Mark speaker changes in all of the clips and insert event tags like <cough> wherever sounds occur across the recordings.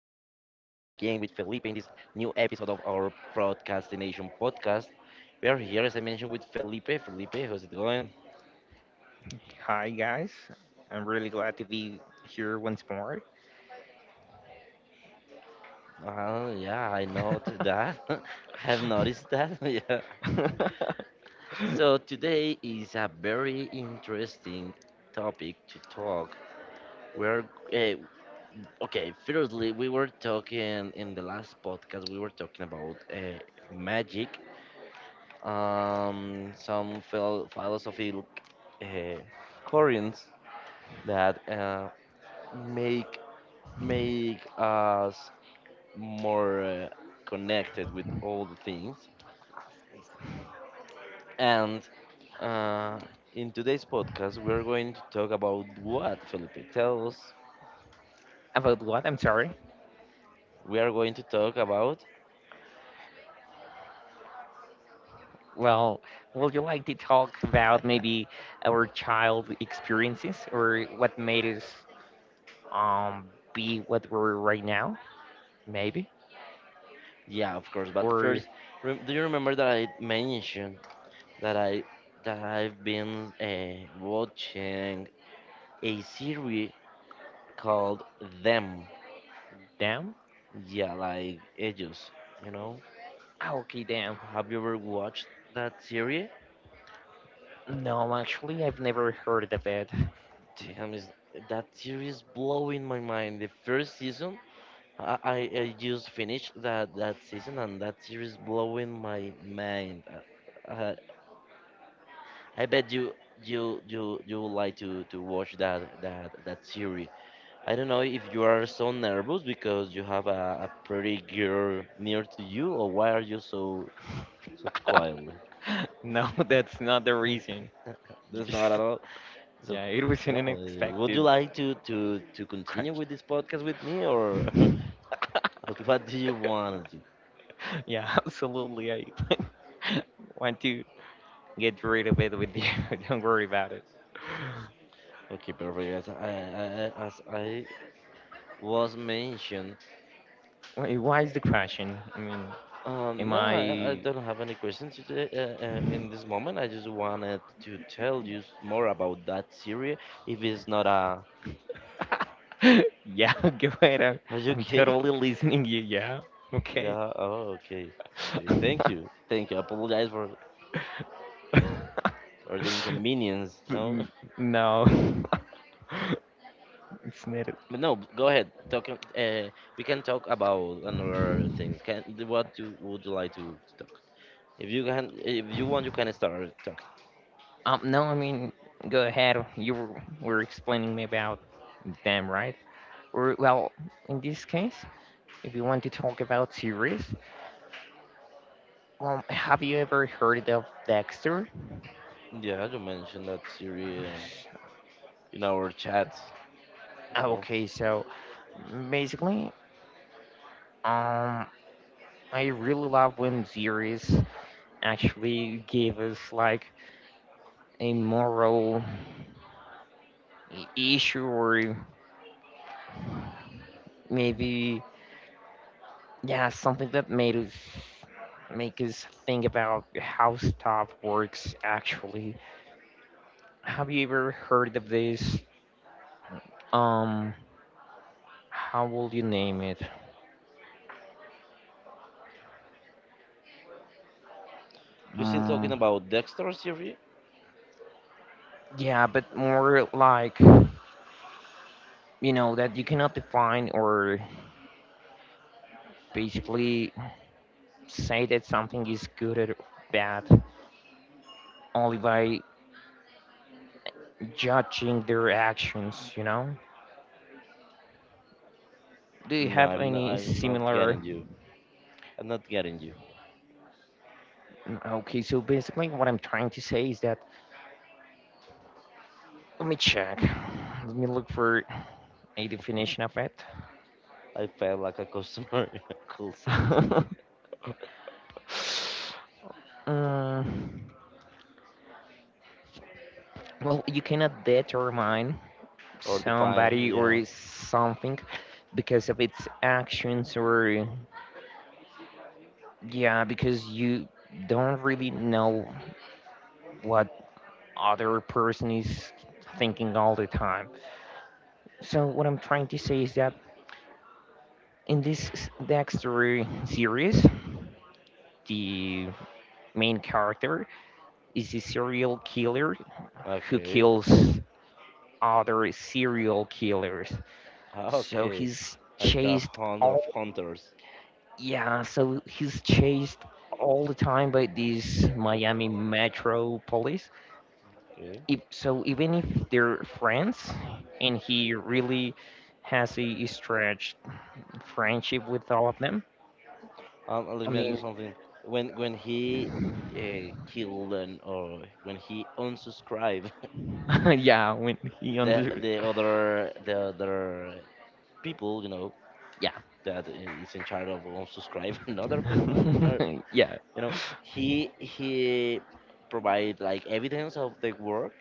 Speaker 1: with Felipe in this new episode of our procrastination podcast. We are here, as I mentioned, with Felipe. Felipe, how's it going?
Speaker 2: Hi guys, I'm really glad to be here once more.
Speaker 1: Yeah, I know that. <laughs> I have noticed that. <laughs> Yeah. So today is a very interesting topic to talk. We're uh, okay. Firstly, we were talking in the last podcast. We were talking about magic, some philosophical uh, currents that make make us more connected with all the things. And uh, in today's podcast, we are going to talk about what Felipe tells.
Speaker 2: About what? I'm sorry.
Speaker 1: We are going to talk about.
Speaker 2: Well, would you like to talk about maybe our child experiences or what made us be what we're right now? Maybe
Speaker 1: Yeah, of course. But
Speaker 2: or
Speaker 1: first, do you remember that I mentioned that I that I've been watching a series called Them.
Speaker 2: damn?
Speaker 1: Yeah, like ellos. You know,
Speaker 2: Oh, okay, damn.
Speaker 1: have you ever watched that series?
Speaker 2: No, actually, I've never heard of it.
Speaker 1: Damn, is that series blowing my mind? The first season, I just finished that season, and that series blowing my mind. Uh, uh, I bet you would like to watch that series. I don't know if you are so nervous because you have a pretty girl near to you, or why are you so quiet?
Speaker 2: <laughs> No, that's not the reason.
Speaker 1: <laughs>
Speaker 2: You
Speaker 1: That's not
Speaker 2: just,
Speaker 1: at all. So,
Speaker 2: yeah, it was
Speaker 1: so
Speaker 2: an
Speaker 1: uh, would you
Speaker 2: unexpected
Speaker 1: like to continue
Speaker 2: question.
Speaker 1: with this podcast with me, or <laughs> what do you
Speaker 2: <laughs>
Speaker 1: want to do?
Speaker 2: Yeah, <laughs> absolutely. I <laughs> want to get rid of it with you. <laughs> Don't worry about it.
Speaker 1: Okay, perfect. As I was mentioned,
Speaker 2: Why is the question? I mean, am
Speaker 1: no, I
Speaker 2: I?
Speaker 1: don't have any questions today. In this moment, I just wanted to tell you more about that series. If it's not a,
Speaker 2: <laughs> Yeah, <laughs> go ahead. I'm,
Speaker 1: are you
Speaker 2: I'm
Speaker 1: okay?
Speaker 2: totally listening you. Yeah.
Speaker 1: <laughs>
Speaker 2: Okay. <laughs>
Speaker 1: Yeah. Oh, okay. Okay. Thank you. Thank you. I apologize for the inconvenience. No.
Speaker 2: N-
Speaker 1: <laughs>
Speaker 2: no, <laughs> it's not. It.
Speaker 1: But no, go ahead. Talk. We can talk about another things. Can what you would you like to talk? If you can, if you want, you can start talking.
Speaker 2: No, I mean, go ahead. You were explaining me about them, right? Or well, in this case. If you want to talk about series, have you ever heard of Dexter?
Speaker 1: Yeah, you mentioned that
Speaker 2: Ah,
Speaker 1: series in our chat. You know,
Speaker 2: okay, so basically, um, I really love when series actually give us like a moral issue or maybe yeah something that made us make us think about how stuff works actually. Have you ever heard of this? Um, how will you name it?
Speaker 1: you still
Speaker 2: Mm,
Speaker 1: talking about Dexter series?
Speaker 2: yeah, but more like, you know, that you cannot define or basically say that something is good or bad only by judging their actions, you know? Do you
Speaker 1: No,
Speaker 2: have
Speaker 1: I'm not.
Speaker 2: any
Speaker 1: I'm not
Speaker 2: similar?
Speaker 1: getting you. I'm not getting you.
Speaker 2: Okay, so basically, what I'm trying to say is that let me check. Let me look for a definition of it.
Speaker 1: I felt like a customer <laughs> in a call center
Speaker 2: <laughs> Mm, well, you cannot determine
Speaker 1: or the fine.
Speaker 2: somebody
Speaker 1: Yeah.
Speaker 2: or something because of its actions, or yeah, because you don't really know what other person is thinking all the time. So what I'm trying to say is that in this Dexter series, the main character is a serial killer who
Speaker 1: Okay.
Speaker 2: kills other serial killers,
Speaker 1: Ah,
Speaker 2: so
Speaker 1: okay.
Speaker 2: he's
Speaker 1: Like a
Speaker 2: chased
Speaker 1: hunt of
Speaker 2: all.
Speaker 1: hunters.
Speaker 2: Yeah, so he's chased all the time by these Miami Metro police.
Speaker 1: Okay.
Speaker 2: If, So even if they're friends, and he really has a stretched friendship with all of them. I
Speaker 1: Let me ask
Speaker 2: mean,
Speaker 1: you something. When he killed and or when he unsubscribed
Speaker 2: <laughs> yeah, when he
Speaker 1: <laughs> the
Speaker 2: under,
Speaker 1: the other the other people, you know,
Speaker 2: yeah,
Speaker 1: that is in charge of unsubscribe <laughs> and other people and other,
Speaker 2: <laughs> yeah,
Speaker 1: you know, he provide like evidence of the work.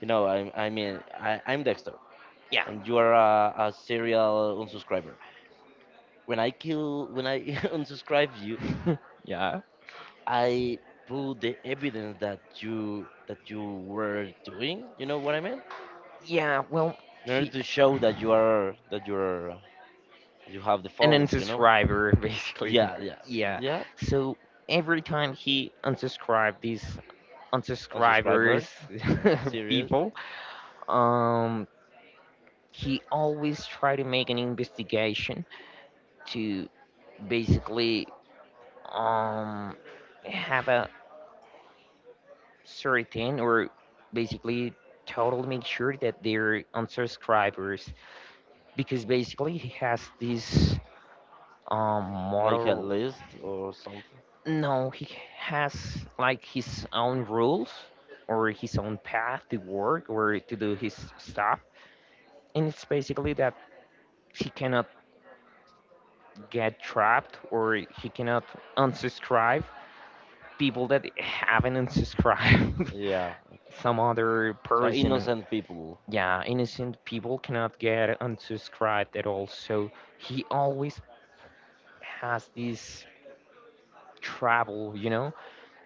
Speaker 1: You know, I mean I'm Dexter
Speaker 2: yeah,
Speaker 1: and you are a serial unsubscriber. When I <laughs> unsubscribe you,
Speaker 2: <laughs> yeah,
Speaker 1: I put the evidence that you were doing. You know what I mean?
Speaker 2: yeah. Well,
Speaker 1: In order
Speaker 2: he
Speaker 1: to show that you have the
Speaker 2: an
Speaker 1: fault. You know?
Speaker 2: unsubscriber <laughs> basically.
Speaker 1: Yeah, yeah,
Speaker 2: Yeah.
Speaker 1: yeah.
Speaker 2: So every time he unsubscribed these unsubscribers
Speaker 1: Unsubscribers, <laughs>
Speaker 2: <laughs>
Speaker 1: serious,
Speaker 2: people, um he always try to make an investigation to basically um have a certain or basically totally make sure that they're unsubscribers, because basically he has this um
Speaker 1: like a
Speaker 2: model.
Speaker 1: list or something.
Speaker 2: No, he has like his own rules or his own path to work or to do his stuff, and it's basically that he cannot get trapped or he cannot unsubscribe people that haven't unsubscribed
Speaker 1: Yeah.
Speaker 2: <laughs> some other
Speaker 1: So
Speaker 2: person.
Speaker 1: innocent people.
Speaker 2: Yeah, innocent people cannot get unsubscribed at all, so he always has this trouble,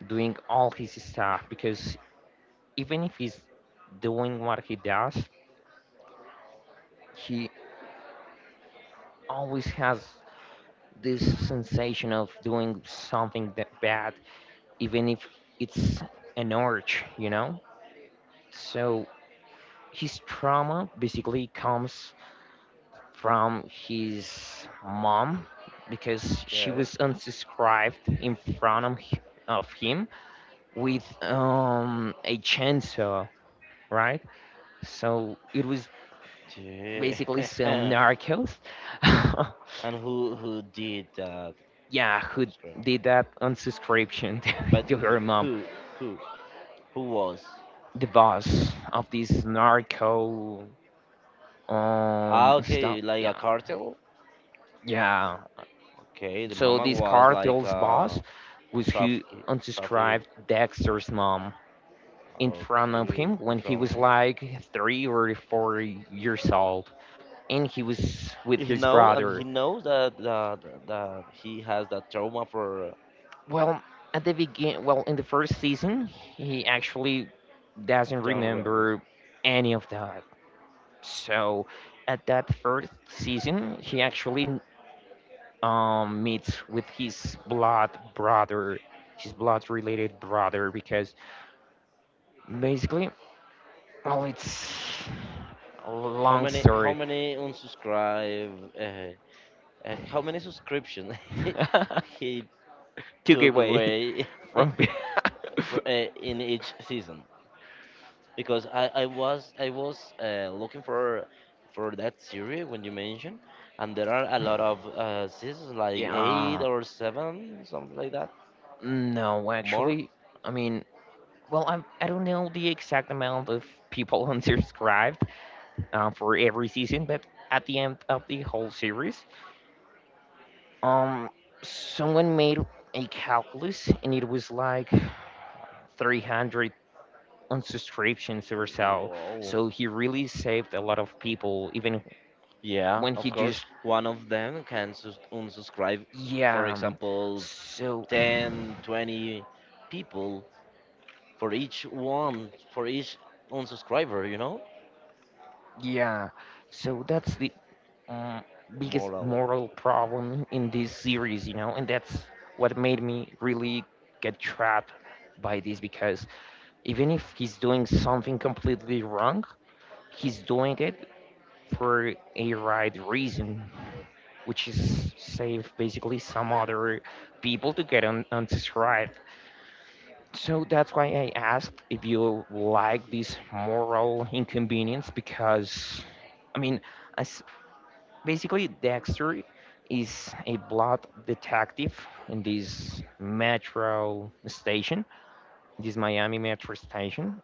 Speaker 2: doing all his stuff, because even if he's doing what he does, he always has this sensation of doing something that bad, even if it's an urge, you know? So his trauma basically comes from his mom because she
Speaker 1: Okay.
Speaker 2: was unsubscribed in front of, of him with a chainsaw, right? So it was basically some
Speaker 1: Damn. <laughs>
Speaker 2: narcos. <laughs>
Speaker 1: And who did that?
Speaker 2: Yeah, who
Speaker 1: Unsubscribe.
Speaker 2: did that unsubscription <laughs>
Speaker 1: But
Speaker 2: to her mom,
Speaker 1: who who who was?
Speaker 2: the boss of this narco
Speaker 1: Ah,
Speaker 2: stuff.
Speaker 1: okay, like a
Speaker 2: Yeah,
Speaker 1: cartel.
Speaker 2: yeah,
Speaker 1: Okay, the
Speaker 2: so
Speaker 1: mama
Speaker 2: this
Speaker 1: was like
Speaker 2: cartel's boss was who
Speaker 1: traffic traffic
Speaker 2: undescribed Dexter's mom in front of
Speaker 1: okay,
Speaker 2: him
Speaker 1: in
Speaker 2: when he
Speaker 1: front of
Speaker 2: was
Speaker 1: him.
Speaker 2: like 3 or 4 years old, and he was with
Speaker 1: He
Speaker 2: his
Speaker 1: knows, and he
Speaker 2: brother.
Speaker 1: knows that that he has that trauma for
Speaker 2: Well, at the begin, well, in the first season he actually doesn't
Speaker 1: John Rebels.
Speaker 2: remember any of that. So at that first season he actually meets with his blood brother, his blood related brother, because basically, well, it's a
Speaker 1: How
Speaker 2: long
Speaker 1: many how
Speaker 2: story.
Speaker 1: many unsubscribe, uh, how many subscription <laughs> he
Speaker 2: <laughs> Took
Speaker 1: took
Speaker 2: away
Speaker 1: away
Speaker 2: <laughs> from me.
Speaker 1: <laughs> in each season?
Speaker 2: <laughs>
Speaker 1: Because I was looking for that series when you mentioned, and there are a lot of seasons, like
Speaker 2: Yeah,
Speaker 1: eight or seven, something like that.
Speaker 2: no,
Speaker 1: More.
Speaker 2: actually, I mean, well, I don't know the exact amount of people <laughs> unsubscribed, for every season, but at the end of the whole series, Um, someone made a calculus, and it was like 300 unsubscriptions or so.
Speaker 1: Wow.
Speaker 2: So he really saved a lot of people, even
Speaker 1: Yeah,
Speaker 2: when
Speaker 1: of
Speaker 2: he
Speaker 1: course.
Speaker 2: just,
Speaker 1: One of them can unsubscribe, for
Speaker 2: yeah.
Speaker 1: example,
Speaker 2: So
Speaker 1: 10, 20 people for each one, for each unsubscriber, you know?
Speaker 2: yeah, so that's the um, biggest
Speaker 1: Moral.
Speaker 2: moral problem in this series, you know, and that's what made me really get trapped by this, because even if he's doing something completely wrong, he's doing it for a right reason, which is save basically some other people to get unsubscribed. So that's why I asked if you like this moral inconvenience, because, I mean, as basically Dexter is a blood detective in this metro station, this Miami metro station,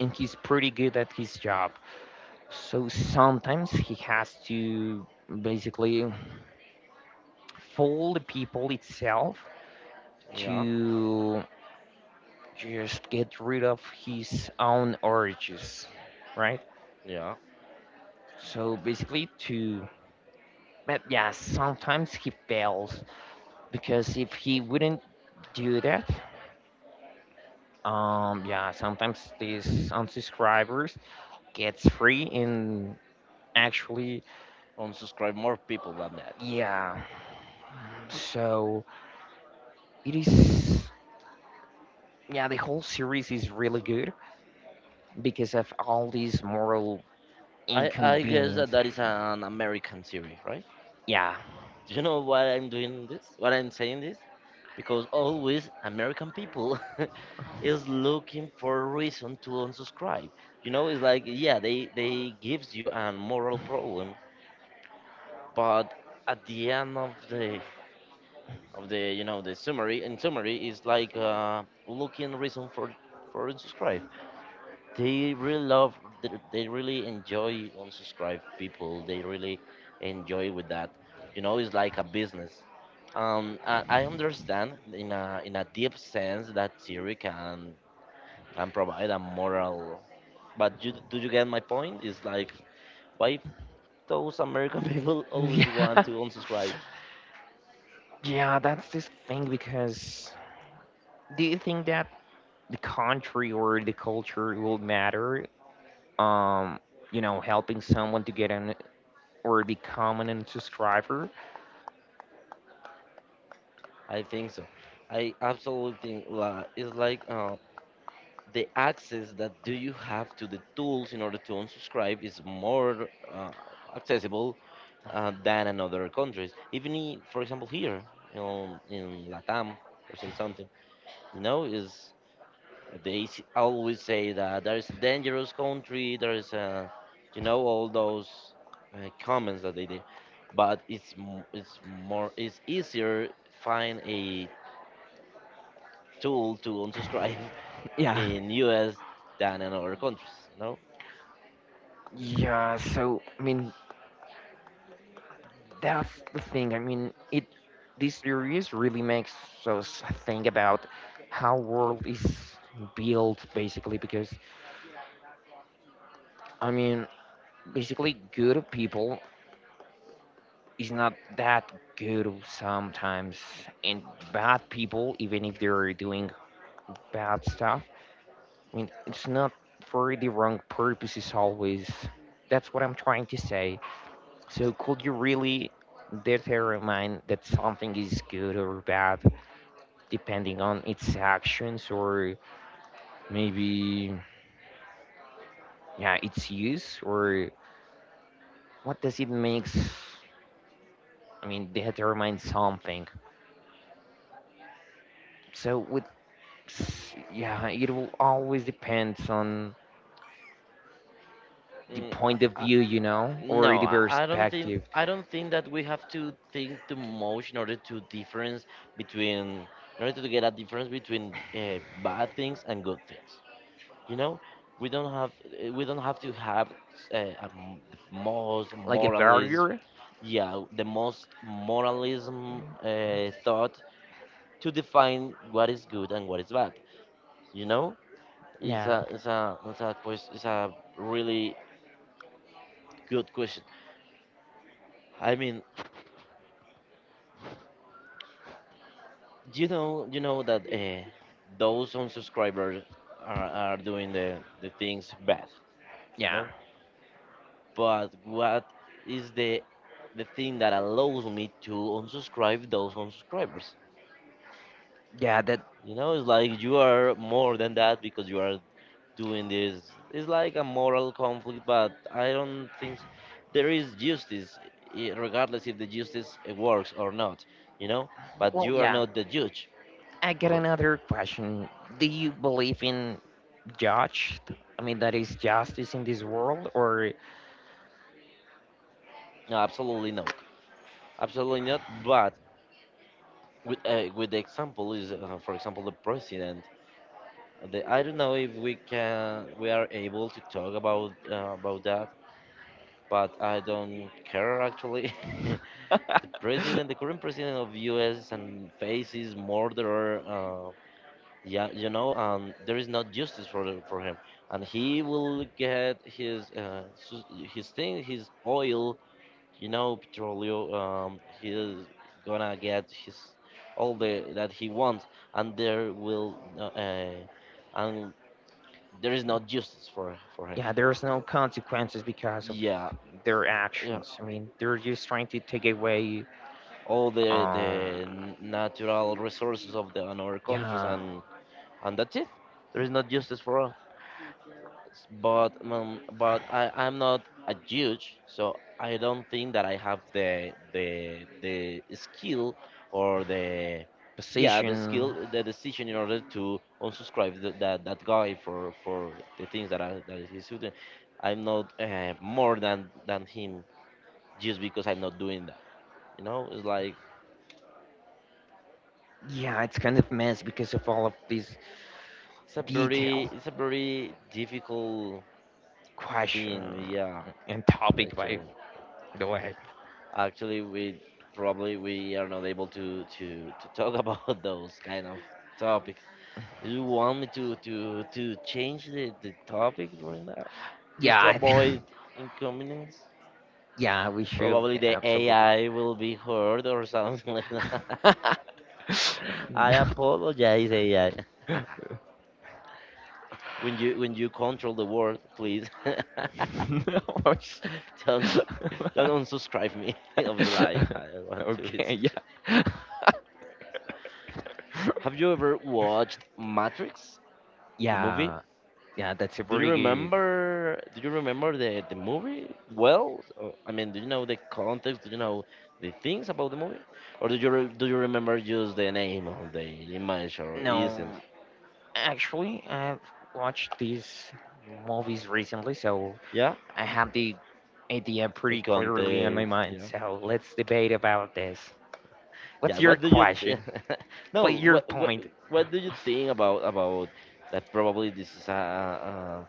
Speaker 2: and he's pretty good at his job. So sometimes he has to basically for the people itself
Speaker 1: Yeah,
Speaker 2: to just get rid of his own urges, right?
Speaker 1: yeah.
Speaker 2: So basically, to but yeah, sometimes he fails because if he wouldn't do that, yeah, sometimes these unsubscribers gets free, and actually,
Speaker 1: Unsubscribe more people than that.
Speaker 2: yeah. So it is, yeah, the whole series is really good because of all these moral
Speaker 1: I guess that
Speaker 2: inconvenience.
Speaker 1: that is an American series, right?
Speaker 2: Yeah.
Speaker 1: Do you know why I'm doing this? What I'm saying this? Because always American people <laughs> is looking for a reason to unsubscribe. You know, it's like, yeah, they gives you a moral problem, but at the end of the, you know, the summary, in summary, is like looking reason for unsubscribe. They really love, they really enjoy unsubscribe people. They really enjoy with that, you know? It's like a business. I understand in a deep sense that theory can provide a moral. But you, do you get my point? It's like, why those American <laughs> people
Speaker 2: <laughs>
Speaker 1: always
Speaker 2: Yeah.
Speaker 1: want to unsubscribe?
Speaker 2: Yeah, that's this thing because do you think that the country or the culture will matter? Um, Helping someone to get an or become an subscriber?
Speaker 1: I think so. I absolutely think like it's like, the access that do you have to the tools in order to unsubscribe is more uh, accessible than in other countries. Even for example here in Latam or say something, you know, is they always say that there is a dangerous country, there is a, you know, all those comments that they did, but it's more, it's easier find a tool to unsubscribe <laughs>
Speaker 2: Yeah.
Speaker 1: in U.S. than in other countries, no.
Speaker 2: Yeah, so I mean that's the thing. I mean, it this series really makes us think about how world is built basically, because I mean, basically good people is not that good sometimes, and bad people, even if they're doing bad stuff, I mean, it's not for the wrong purposes always. That's what I'm trying to say. So could you really determine that something is good or bad depending on its actions, or maybe yeah, its use, or what does it makes? I mean, determine something. So with yeah, it will always depends on the
Speaker 1: Mm,
Speaker 2: point of
Speaker 1: I, I,
Speaker 2: view, you know, or
Speaker 1: no,
Speaker 2: the
Speaker 1: I I don't think
Speaker 2: perspective.
Speaker 1: I don't think that we have to think too much in order to difference between, in order to get a difference between bad things and good things. You know, we don't have we don't have to have uh, a, the most
Speaker 2: Like a
Speaker 1: moralism.
Speaker 2: barrier.
Speaker 1: Yeah, the most moralism thought to define what is good and what is bad. You know,
Speaker 2: Yeah,
Speaker 1: it's a really good question. I mean, do you know that those unsubscribers are doing the things bad, you
Speaker 2: yeah,
Speaker 1: know? But what is the thing that allows me to unsubscribe those unsubscribers?
Speaker 2: yeah. That.
Speaker 1: You know, it's like you are more than that because you are doing this. It's like a moral conflict, but I don't think, there is justice, regardless if the justice works or not. You know, but
Speaker 2: Well,
Speaker 1: you are
Speaker 2: yeah.
Speaker 1: not the judge.
Speaker 2: I get
Speaker 1: Or-
Speaker 2: another question. Do you believe in judged? I mean, that is justice in this world, or
Speaker 1: No, absolutely not. Absolutely not. But with the example is, for example, the president, the, I don't know if we are able to talk about that, but I don't care actually. <laughs> The
Speaker 2: <laughs>
Speaker 1: president, the current president of us, and faces murderer, yeah, you know, there is not justice for for him, and he will get his his thing, his oil, you know, Petrolio. He's gonna get his all the that he wants, and there will no- and there is no justice for him.
Speaker 2: yeah, there's no consequences because of
Speaker 1: Yeah,
Speaker 2: their
Speaker 1: yeah
Speaker 2: actions. I mean, they're just trying to take away.
Speaker 1: all the the
Speaker 2: Um,
Speaker 1: n- natural resources of the another countries.
Speaker 2: yeah,
Speaker 1: And that's it. There is no justice for. But I'm not a judge, so I don't think that I have the skill or the, yeah, the
Speaker 2: position.
Speaker 1: skill, the decision in order to unsubscribe that guy for the things that that he's doing. I'm not more than him just because I'm not doing that. You know, it's like,
Speaker 2: Yeah, it's kind of mess because of all of these
Speaker 1: it's a very
Speaker 2: detailed
Speaker 1: it's a very difficult
Speaker 2: question
Speaker 1: thing. Yeah,
Speaker 2: and topic. By
Speaker 1: actually.
Speaker 2: the way,
Speaker 1: Actually, we probably we are not able to talk about <laughs> those kind of topics. Do you want me to change the topic right now, just
Speaker 2: yeah,
Speaker 1: to
Speaker 2: I think,
Speaker 1: avoid inconvenience?
Speaker 2: <laughs> yeah, we should
Speaker 1: Probably the
Speaker 2: absolutely.
Speaker 1: AI will be heard or something <laughs> like that.
Speaker 2: <laughs>
Speaker 1: I
Speaker 2: No,
Speaker 1: apologize, AI. <laughs>
Speaker 2: <laughs>
Speaker 1: When you control the world, please, <laughs>
Speaker 2: no. Oh, shit.
Speaker 1: don't don't unsubscribe me <laughs> of the live. I
Speaker 2: <laughs>
Speaker 1: want to
Speaker 2: Okay,
Speaker 1: visit.
Speaker 2: yeah,
Speaker 1: Have you ever watched Matrix,
Speaker 2: <laughs>
Speaker 1: the movie?
Speaker 2: yeah, yeah. That's a
Speaker 1: Do you
Speaker 2: pretty good.
Speaker 1: remember? Do you remember the movie? Well, I mean, do you know the context? Do you know the things about the movie, or do you remember just the name of the image or
Speaker 2: No,
Speaker 1: essence?
Speaker 2: actually, I've watched these movies recently, so
Speaker 1: Yeah,
Speaker 2: I have the idea
Speaker 1: the
Speaker 2: pretty clearly on my
Speaker 1: context.
Speaker 2: mind.
Speaker 1: Yeah,
Speaker 2: So let's debate about this. What's
Speaker 1: yeah.
Speaker 2: your
Speaker 1: What do you?
Speaker 2: question?
Speaker 1: <laughs>
Speaker 2: What's
Speaker 1: No.
Speaker 2: your
Speaker 1: What what
Speaker 2: point?
Speaker 1: what do you think about that? Probably this is a.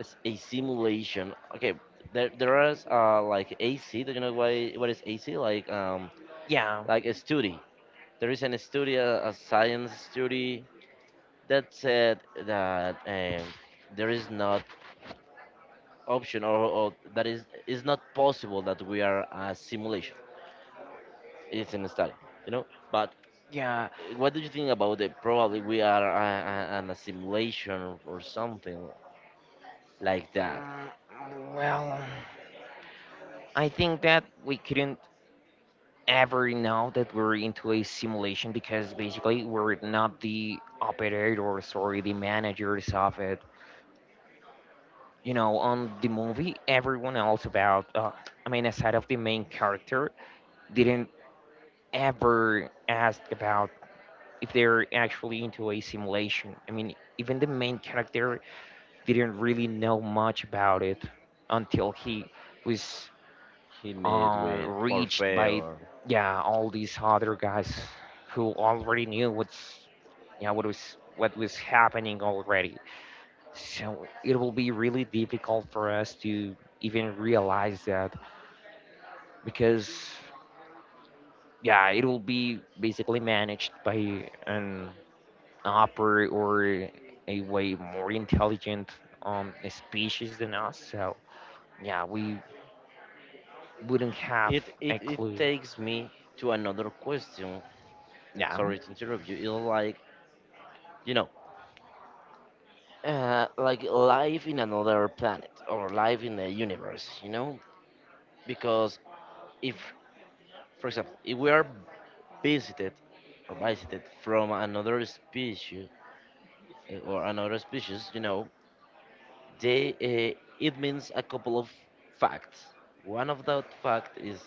Speaker 1: It's a simulation. Okay, there is like AC. Do you know why what is AC?
Speaker 2: Yeah,
Speaker 1: Like a study. There is an study, a science study that said that, there is not option or that is not possible that we are a simulation. It's in a study, you know. But
Speaker 2: yeah.
Speaker 1: what do you think about it? Probably we are an assimilation or something like that.
Speaker 2: Well, I think that we couldn't ever know that we're into a simulation, because basically we're not the operator, sorry, the managers of it. On the movie, everyone else about, I mean, aside of the main character, didn't ever ask about if they're actually into a simulation. I mean, even the main character didn't really know much about it until he was
Speaker 1: He made with
Speaker 2: reached
Speaker 1: Morphe.
Speaker 2: by, yeah, all these other guys who already knew what's, yeah, what was happening already. So it will be really difficult for us to even realize that, because, yeah, it will be basically managed by an upper or a way more intelligent species than us. So, yeah, we wouldn't have
Speaker 1: it it
Speaker 2: a
Speaker 1: it
Speaker 2: clue.
Speaker 1: takes me to another question.
Speaker 2: Yeah,
Speaker 1: Sorry to interrupt you. It's like, you know, like life in another planet or life in the universe, you know, because if, for example, if we are visited or visited from another species, or another species, you know, they, it means a couple of facts. One of that fact is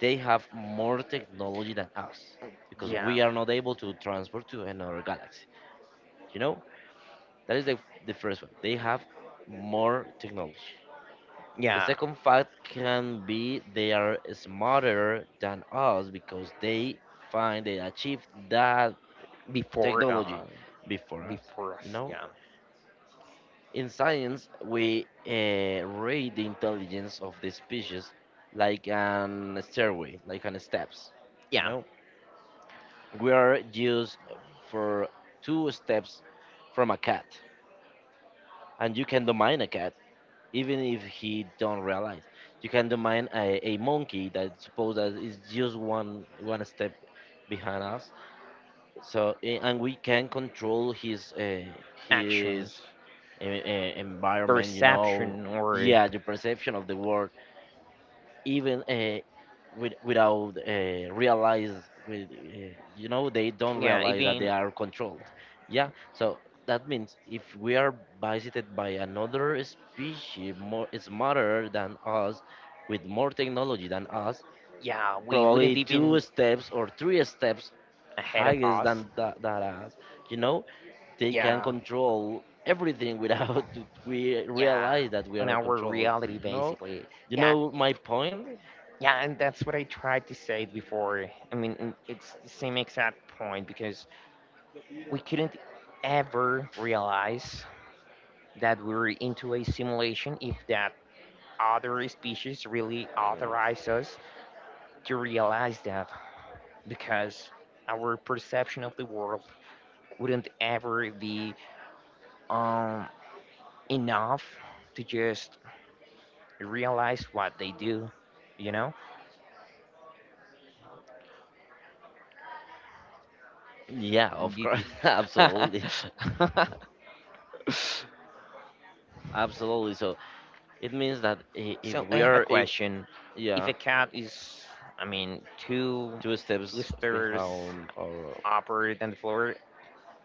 Speaker 1: they have more technology than us, because
Speaker 2: yeah,
Speaker 1: we are not able to transport to another galaxy. You know, that is the first one. They have more technology. The
Speaker 2: yeah,
Speaker 1: second fact can be they are smarter than us because they find they achieved that
Speaker 2: before,
Speaker 1: technology
Speaker 2: uh,
Speaker 1: before us.
Speaker 2: before
Speaker 1: You
Speaker 2: us.
Speaker 1: know,
Speaker 2: Yeah,
Speaker 1: in science, we rate the intelligence of the species like an stairway, like an steps. You
Speaker 2: yeah,
Speaker 1: know, we are used for two steps from a cat, and you can domain a cat even if he don't realize. You can demand a monkey that suppose that is just one step behind us. So, and we can control his
Speaker 2: actions,
Speaker 1: his environment.
Speaker 2: perception, or,
Speaker 1: Yeah, the perception of the world, even without realize. With You know, they don't
Speaker 2: yeah,
Speaker 1: realize that they
Speaker 2: even
Speaker 1: are controlled. Yeah so that means if we are visited by another species more smarter than us, with more technology than us,
Speaker 2: yeah, we wouldn't
Speaker 1: probably two
Speaker 2: even
Speaker 1: steps or three steps
Speaker 2: ahead of
Speaker 1: higher
Speaker 2: us.
Speaker 1: than that, that us, you know they can
Speaker 2: Yeah,
Speaker 1: control everything without <laughs> we
Speaker 2: yeah,
Speaker 1: realize that we
Speaker 2: on
Speaker 1: are
Speaker 2: our
Speaker 1: controlled.
Speaker 2: reality
Speaker 1: you know
Speaker 2: basically.
Speaker 1: you
Speaker 2: Yeah,
Speaker 1: know my point?
Speaker 2: yeah, and that's what I tried to say before. I mean, and it's the same exact point because we couldn't ever realize that we were into a simulation if that other species really authorized us to realize that, because our perception of the world wouldn't ever be um, enough to just realize what they do, you know?
Speaker 1: Yeah, of course,
Speaker 2: Gigi.
Speaker 1: <laughs> absolutely,
Speaker 2: <laughs> So
Speaker 1: absolutely. So it means that if
Speaker 2: I
Speaker 1: we
Speaker 2: have a
Speaker 1: are, if,
Speaker 2: question. If
Speaker 1: yeah,
Speaker 2: a cat is, I mean, two
Speaker 1: two steps
Speaker 2: twisters
Speaker 1: behind. Or
Speaker 2: upper than the floor,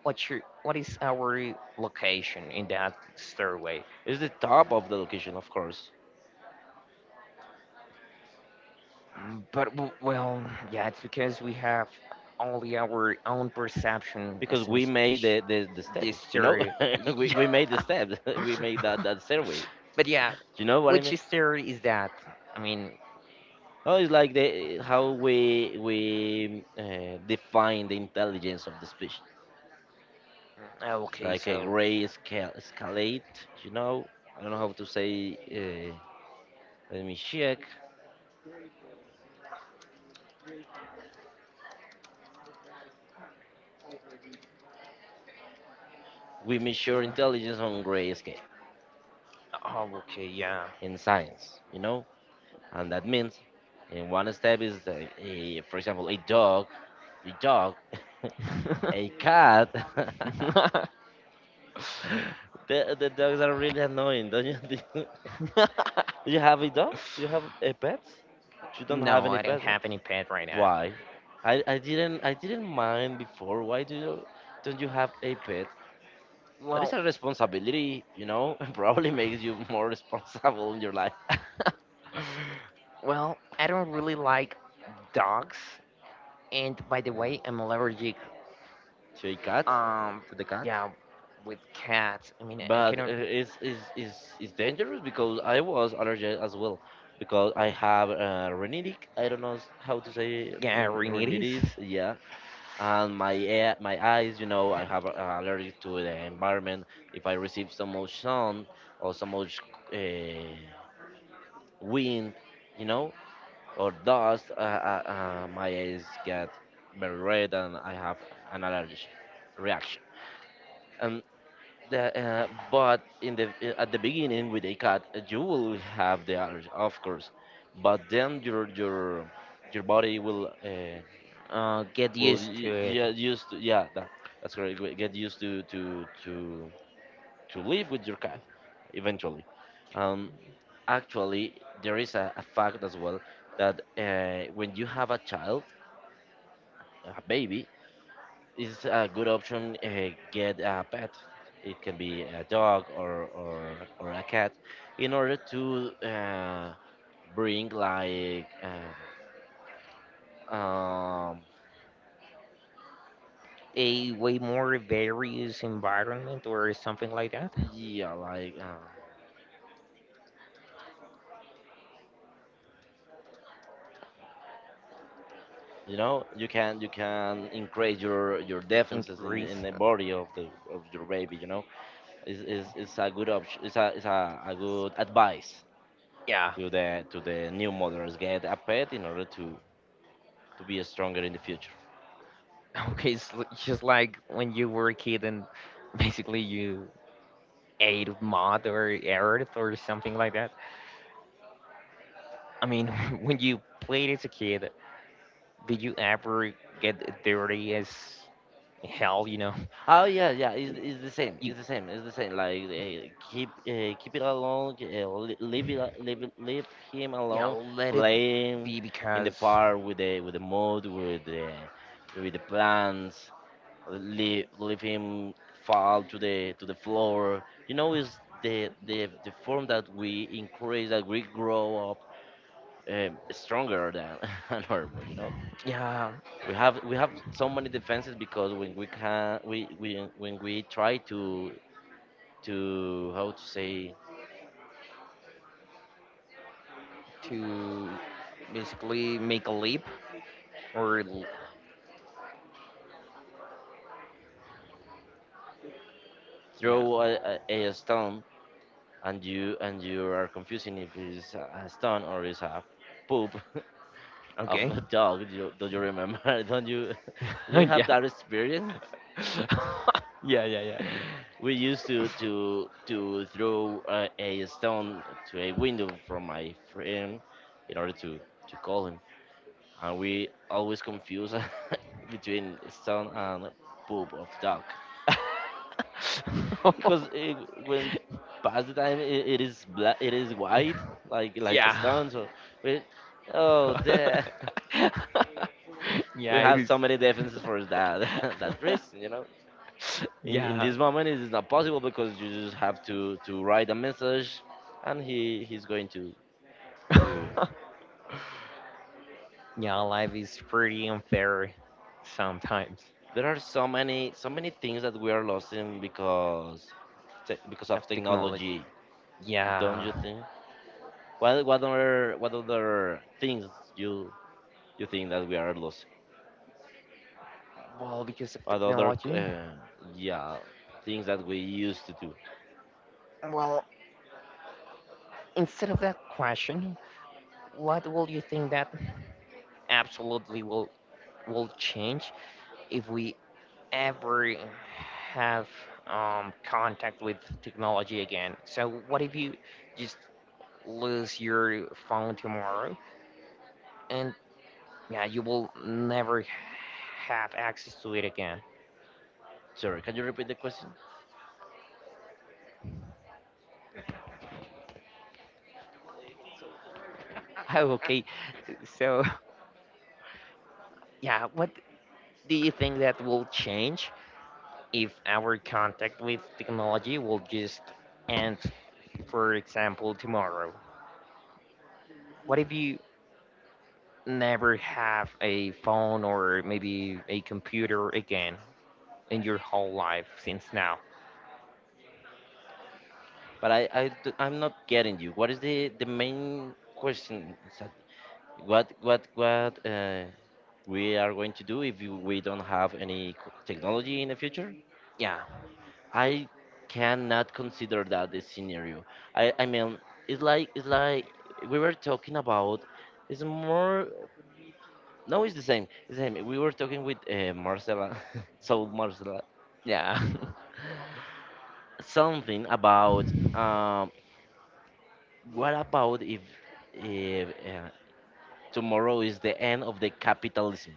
Speaker 2: what is our location in that stairway?
Speaker 1: it's the top of the location, of course,
Speaker 2: But well, yeah, it's because we have only our own perception
Speaker 1: because
Speaker 2: as a
Speaker 1: we made
Speaker 2: species.
Speaker 1: the step.
Speaker 2: This
Speaker 1: You know,
Speaker 2: story.
Speaker 1: <laughs>
Speaker 2: <laughs>
Speaker 1: we made the step. <laughs> We made that stairway.
Speaker 2: <laughs> But yeah,
Speaker 1: You know what I
Speaker 2: which
Speaker 1: mean?
Speaker 2: story is that? I mean,
Speaker 1: Oh, it's like the how we define the intelligence of the species,
Speaker 2: oh, okay,
Speaker 1: like a
Speaker 2: so.
Speaker 1: gray scale escalate. You know, I don't know how to say. Uh, Let me check. We measure
Speaker 2: Mm,
Speaker 1: intelligence on gray scale
Speaker 2: oh, okay, yeah.
Speaker 1: in science, and that means in one step is for example, a dog, a dog, <laughs> a
Speaker 2: <laughs>
Speaker 1: cat. <laughs> The dogs are really annoying, don't you? <laughs> Do you have a dog? Do you have a pet? You don't have
Speaker 2: No,
Speaker 1: any
Speaker 2: I don't
Speaker 1: pet? Yeah?
Speaker 2: have any pet right now.
Speaker 1: Why? I didn't mind before. Why do you don't you have a pet? That is
Speaker 2: Well,
Speaker 1: a responsibility. <laughs> Probably makes you more <laughs> responsible in your life.
Speaker 2: <laughs> well, I don't really like dogs, and by the way, I'm allergic.
Speaker 1: To a cat,
Speaker 2: Um,
Speaker 1: to the cat.
Speaker 2: yeah, with cats. I mean, I
Speaker 1: But
Speaker 2: cannot.
Speaker 1: it's dangerous, because I was allergic as well because I have rhinitic. I don't know how to say
Speaker 2: Yeah, rhinitis.
Speaker 1: rhinitis. Yeah, and my eyes. You know, I have allergic to the environment. If I receive so much sun or so much uh, wind, you know, or dust, my eyes get very red and I have an allergic reaction. But in the at the beginning with a cut, you will have the allergy, of course, but then your body will
Speaker 2: Get used to it.
Speaker 1: yeah, used to. Yeah, that's correct. Get used to live with your cat eventually. Um, Actually, there is a fact as well that when you have a child, a baby. It's a good option, get a pet. It can be a dog or a cat in order to bring like um,
Speaker 2: A way more various environment or something like that.
Speaker 1: yeah, like, you know, you can increase your defenses
Speaker 2: Increase.
Speaker 1: in the body of the of your baby. It's a good option. It's a good advice
Speaker 2: Yeah.
Speaker 1: to the new mothers: get a pet in order to be stronger in the future.
Speaker 2: <laughs> Okay, it's just like when you were a kid and basically you ate mud or earth or something like that. I mean, <laughs> when you played as a kid, did you ever get dirty as hell?
Speaker 1: Oh yeah, yeah. It's the same.
Speaker 2: You,
Speaker 1: It's the same. It's the same. Like, keep it alone. Leave it. Leave it, leave him
Speaker 2: yeah,
Speaker 1: alone.
Speaker 2: let it
Speaker 1: Playing
Speaker 2: be,
Speaker 1: in the
Speaker 2: because
Speaker 1: park with the mud with the plants. Leave him fall to the floor. You know, is the form that we encourage, that we grow up stronger than <laughs> a normal. You know,
Speaker 2: yeah,
Speaker 1: we have so many defenses, because when we can, we, when we try to, how to say,
Speaker 2: to basically make a leap or Yeah.
Speaker 1: throw a stone, and you are confusing if it's a stone or it's a poop <laughs> of
Speaker 2: Okay.
Speaker 1: a dog. Do do you remember, <laughs> don't you, <laughs> you
Speaker 2: <laughs>
Speaker 1: have
Speaker 2: Yeah.
Speaker 1: that experience?
Speaker 2: <laughs> Yeah. Yeah.
Speaker 1: <laughs> We used to throw a stone to a window from my friend in order to call him, and we always confuse <laughs> between stone and poop of dog.
Speaker 2: Yeah.
Speaker 1: Because when past the time it is black, it is white,
Speaker 2: <laughs>
Speaker 1: like a
Speaker 2: Yeah.
Speaker 1: stone. So we oh there
Speaker 2: <laughs>
Speaker 1: <laughs> we
Speaker 2: Yeah. It
Speaker 1: have
Speaker 2: is.
Speaker 1: so many defenses for that, <laughs> that reason.
Speaker 2: <laughs>
Speaker 1: In
Speaker 2: Yeah.
Speaker 1: this moment it is not possible, because you just have to write a message and he's going to...
Speaker 2: <laughs> Yeah. Life is pretty unfair sometimes.
Speaker 1: There are so many, so many things that we are losing because because of
Speaker 2: Of technology.
Speaker 1: technology. Don't
Speaker 2: Yeah.
Speaker 1: you think? What, other things you you think that we are lost?
Speaker 2: Well, because of
Speaker 1: What other,
Speaker 2: technology.
Speaker 1: yeah, things that we used to do?
Speaker 2: Well, instead of that question, what will you think that absolutely will change if we ever have contact with technology again? So what if you just lose your phone tomorrow and yeah, you will never have access to it again?
Speaker 1: Sorry, can you repeat the question?
Speaker 2: <laughs> Okay, so <laughs> yeah, what do you think that will change if our contact with technology will just end, for example, tomorrow? What if you never have a phone or maybe a computer again in your whole life since now?
Speaker 1: But I'm not getting you. What is the main question? Is, what we are going to do if we don't have any technology in the future?
Speaker 2: Yeah,
Speaker 1: I cannot consider that the scenario. I mean, it's like we were talking about. It's more. No, it's the same. It's the same. We were talking with Marcela. <laughs> So Marcela,
Speaker 2: yeah,
Speaker 1: something about what about if, if uh, tomorrow is the end of the capitalism?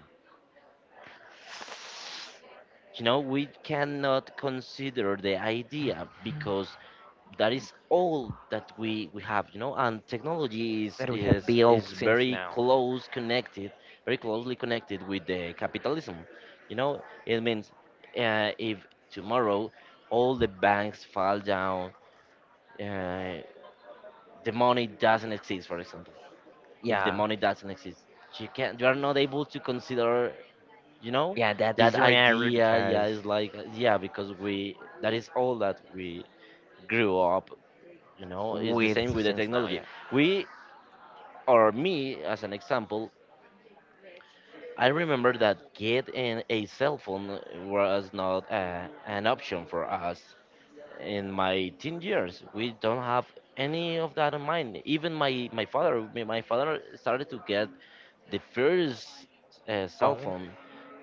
Speaker 1: You know, we cannot consider the idea, because that is all that we have, and technology
Speaker 2: <laughs> that we have built
Speaker 1: is
Speaker 2: since now.
Speaker 1: very closely connected with the capitalism. It means, if tomorrow all the banks fall down, uh, the money doesn't exist, for example. If the
Speaker 2: Yeah,
Speaker 1: money doesn't exist, you are not able to consider, you know,
Speaker 2: yeah, that
Speaker 1: that
Speaker 2: is rare
Speaker 1: idea. Yeah,
Speaker 2: because
Speaker 1: is like, yeah, because we that is all that we grew up, you know. It's the same
Speaker 2: with
Speaker 1: with the
Speaker 2: since now,
Speaker 1: technology.
Speaker 2: yeah,
Speaker 1: We or Me, as an example, I remember that getting a cell phone was not, an option for us. In my teen years we don't have any of that in mind. Even my father, started to get the first, cell
Speaker 2: phone,
Speaker 1: phone.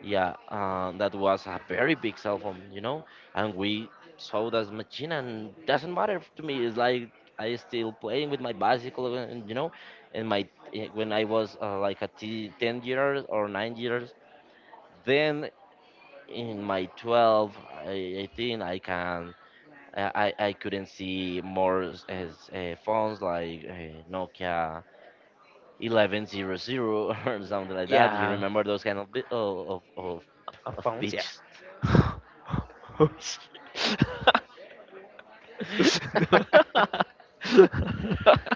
Speaker 1: Yeah, that was a very big cell phone. And we saw that machine, and doesn't matter to me. It's like I still playing with my bicycle, and you know, and my eh, when I was, like 10 years or 9 years, then in my 12, I, I think I can. I couldn't see more phones like, Nokia 1100, <laughs> or something like that. Do you
Speaker 2: yeah,
Speaker 1: remember those kind of of
Speaker 2: phones, yeah.
Speaker 1: beaches?
Speaker 2: <laughs> Oh, shit.
Speaker 1: <laughs>
Speaker 2: <laughs>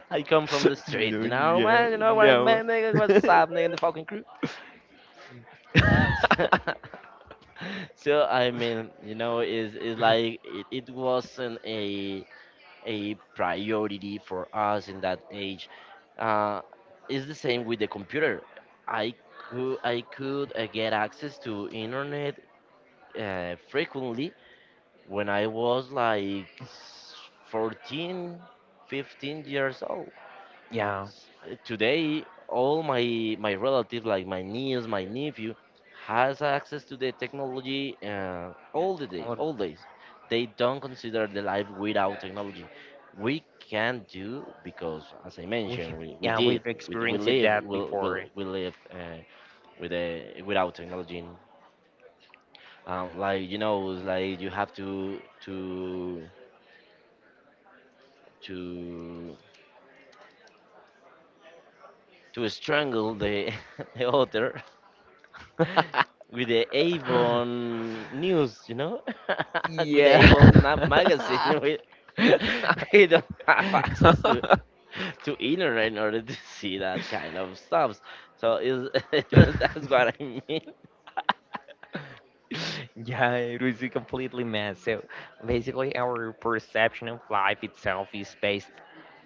Speaker 1: I come from the street,
Speaker 2: No,
Speaker 1: you know,
Speaker 2: no,
Speaker 1: man. You know what I
Speaker 2: no.
Speaker 1: mean, nigga?
Speaker 2: <laughs>
Speaker 1: What's up, nigga? The fucking crew. <laughs> So I mean, is like it wasn't a priority for us in that age. Uh, it's the same with the computer. I could, get access to internet, frequently, when I was like, 14, 15 years old.
Speaker 2: Yeah,
Speaker 1: S- Today, all my relatives, like my niece, my nephew, has access to the technology, all the day,
Speaker 2: what.
Speaker 1: all days. They don't consider the life without technology. We can do, because, as I
Speaker 2: We,
Speaker 1: mentioned, we,
Speaker 2: yeah, we've
Speaker 1: we
Speaker 2: experienced
Speaker 1: live,
Speaker 2: that before.
Speaker 1: we lived, without technology. Like, it's like you have to to to strangle the <laughs> the author with the Avon
Speaker 2: <laughs>
Speaker 1: news. <laughs> With the
Speaker 2: Yeah.
Speaker 1: Avon magazine. <laughs> We
Speaker 2: <laughs>
Speaker 1: <laughs> we don't have access to internet in order to see that kind of stuff. So is <laughs> that's what I mean.
Speaker 2: Yeah, it was a completely mess. So basically, our perception of life itself is based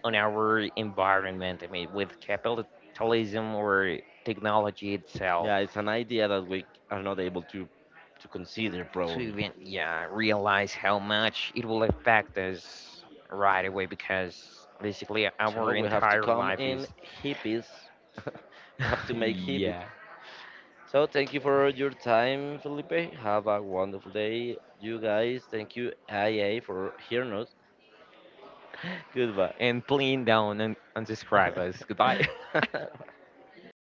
Speaker 2: on our environment. I mean, with capitalism or technology itself.
Speaker 1: Yeah, it's an idea that we are not able to consider,
Speaker 2: To
Speaker 1: probably.
Speaker 2: even yeah realize how much it will affect us right away because basically
Speaker 1: So
Speaker 2: our
Speaker 1: we have to
Speaker 2: entire
Speaker 1: come
Speaker 2: life
Speaker 1: in
Speaker 2: is
Speaker 1: hippies. <laughs> We have to
Speaker 2: <laughs>
Speaker 1: make hippies.
Speaker 2: yeah,
Speaker 1: So thank you for your time, Felipe. Have a wonderful day, you guys. Thank you, IA, for hearing us. <laughs> Goodbye.
Speaker 2: and playing down and unsubscribe us, goodbye.
Speaker 1: <laughs>
Speaker 2: <laughs>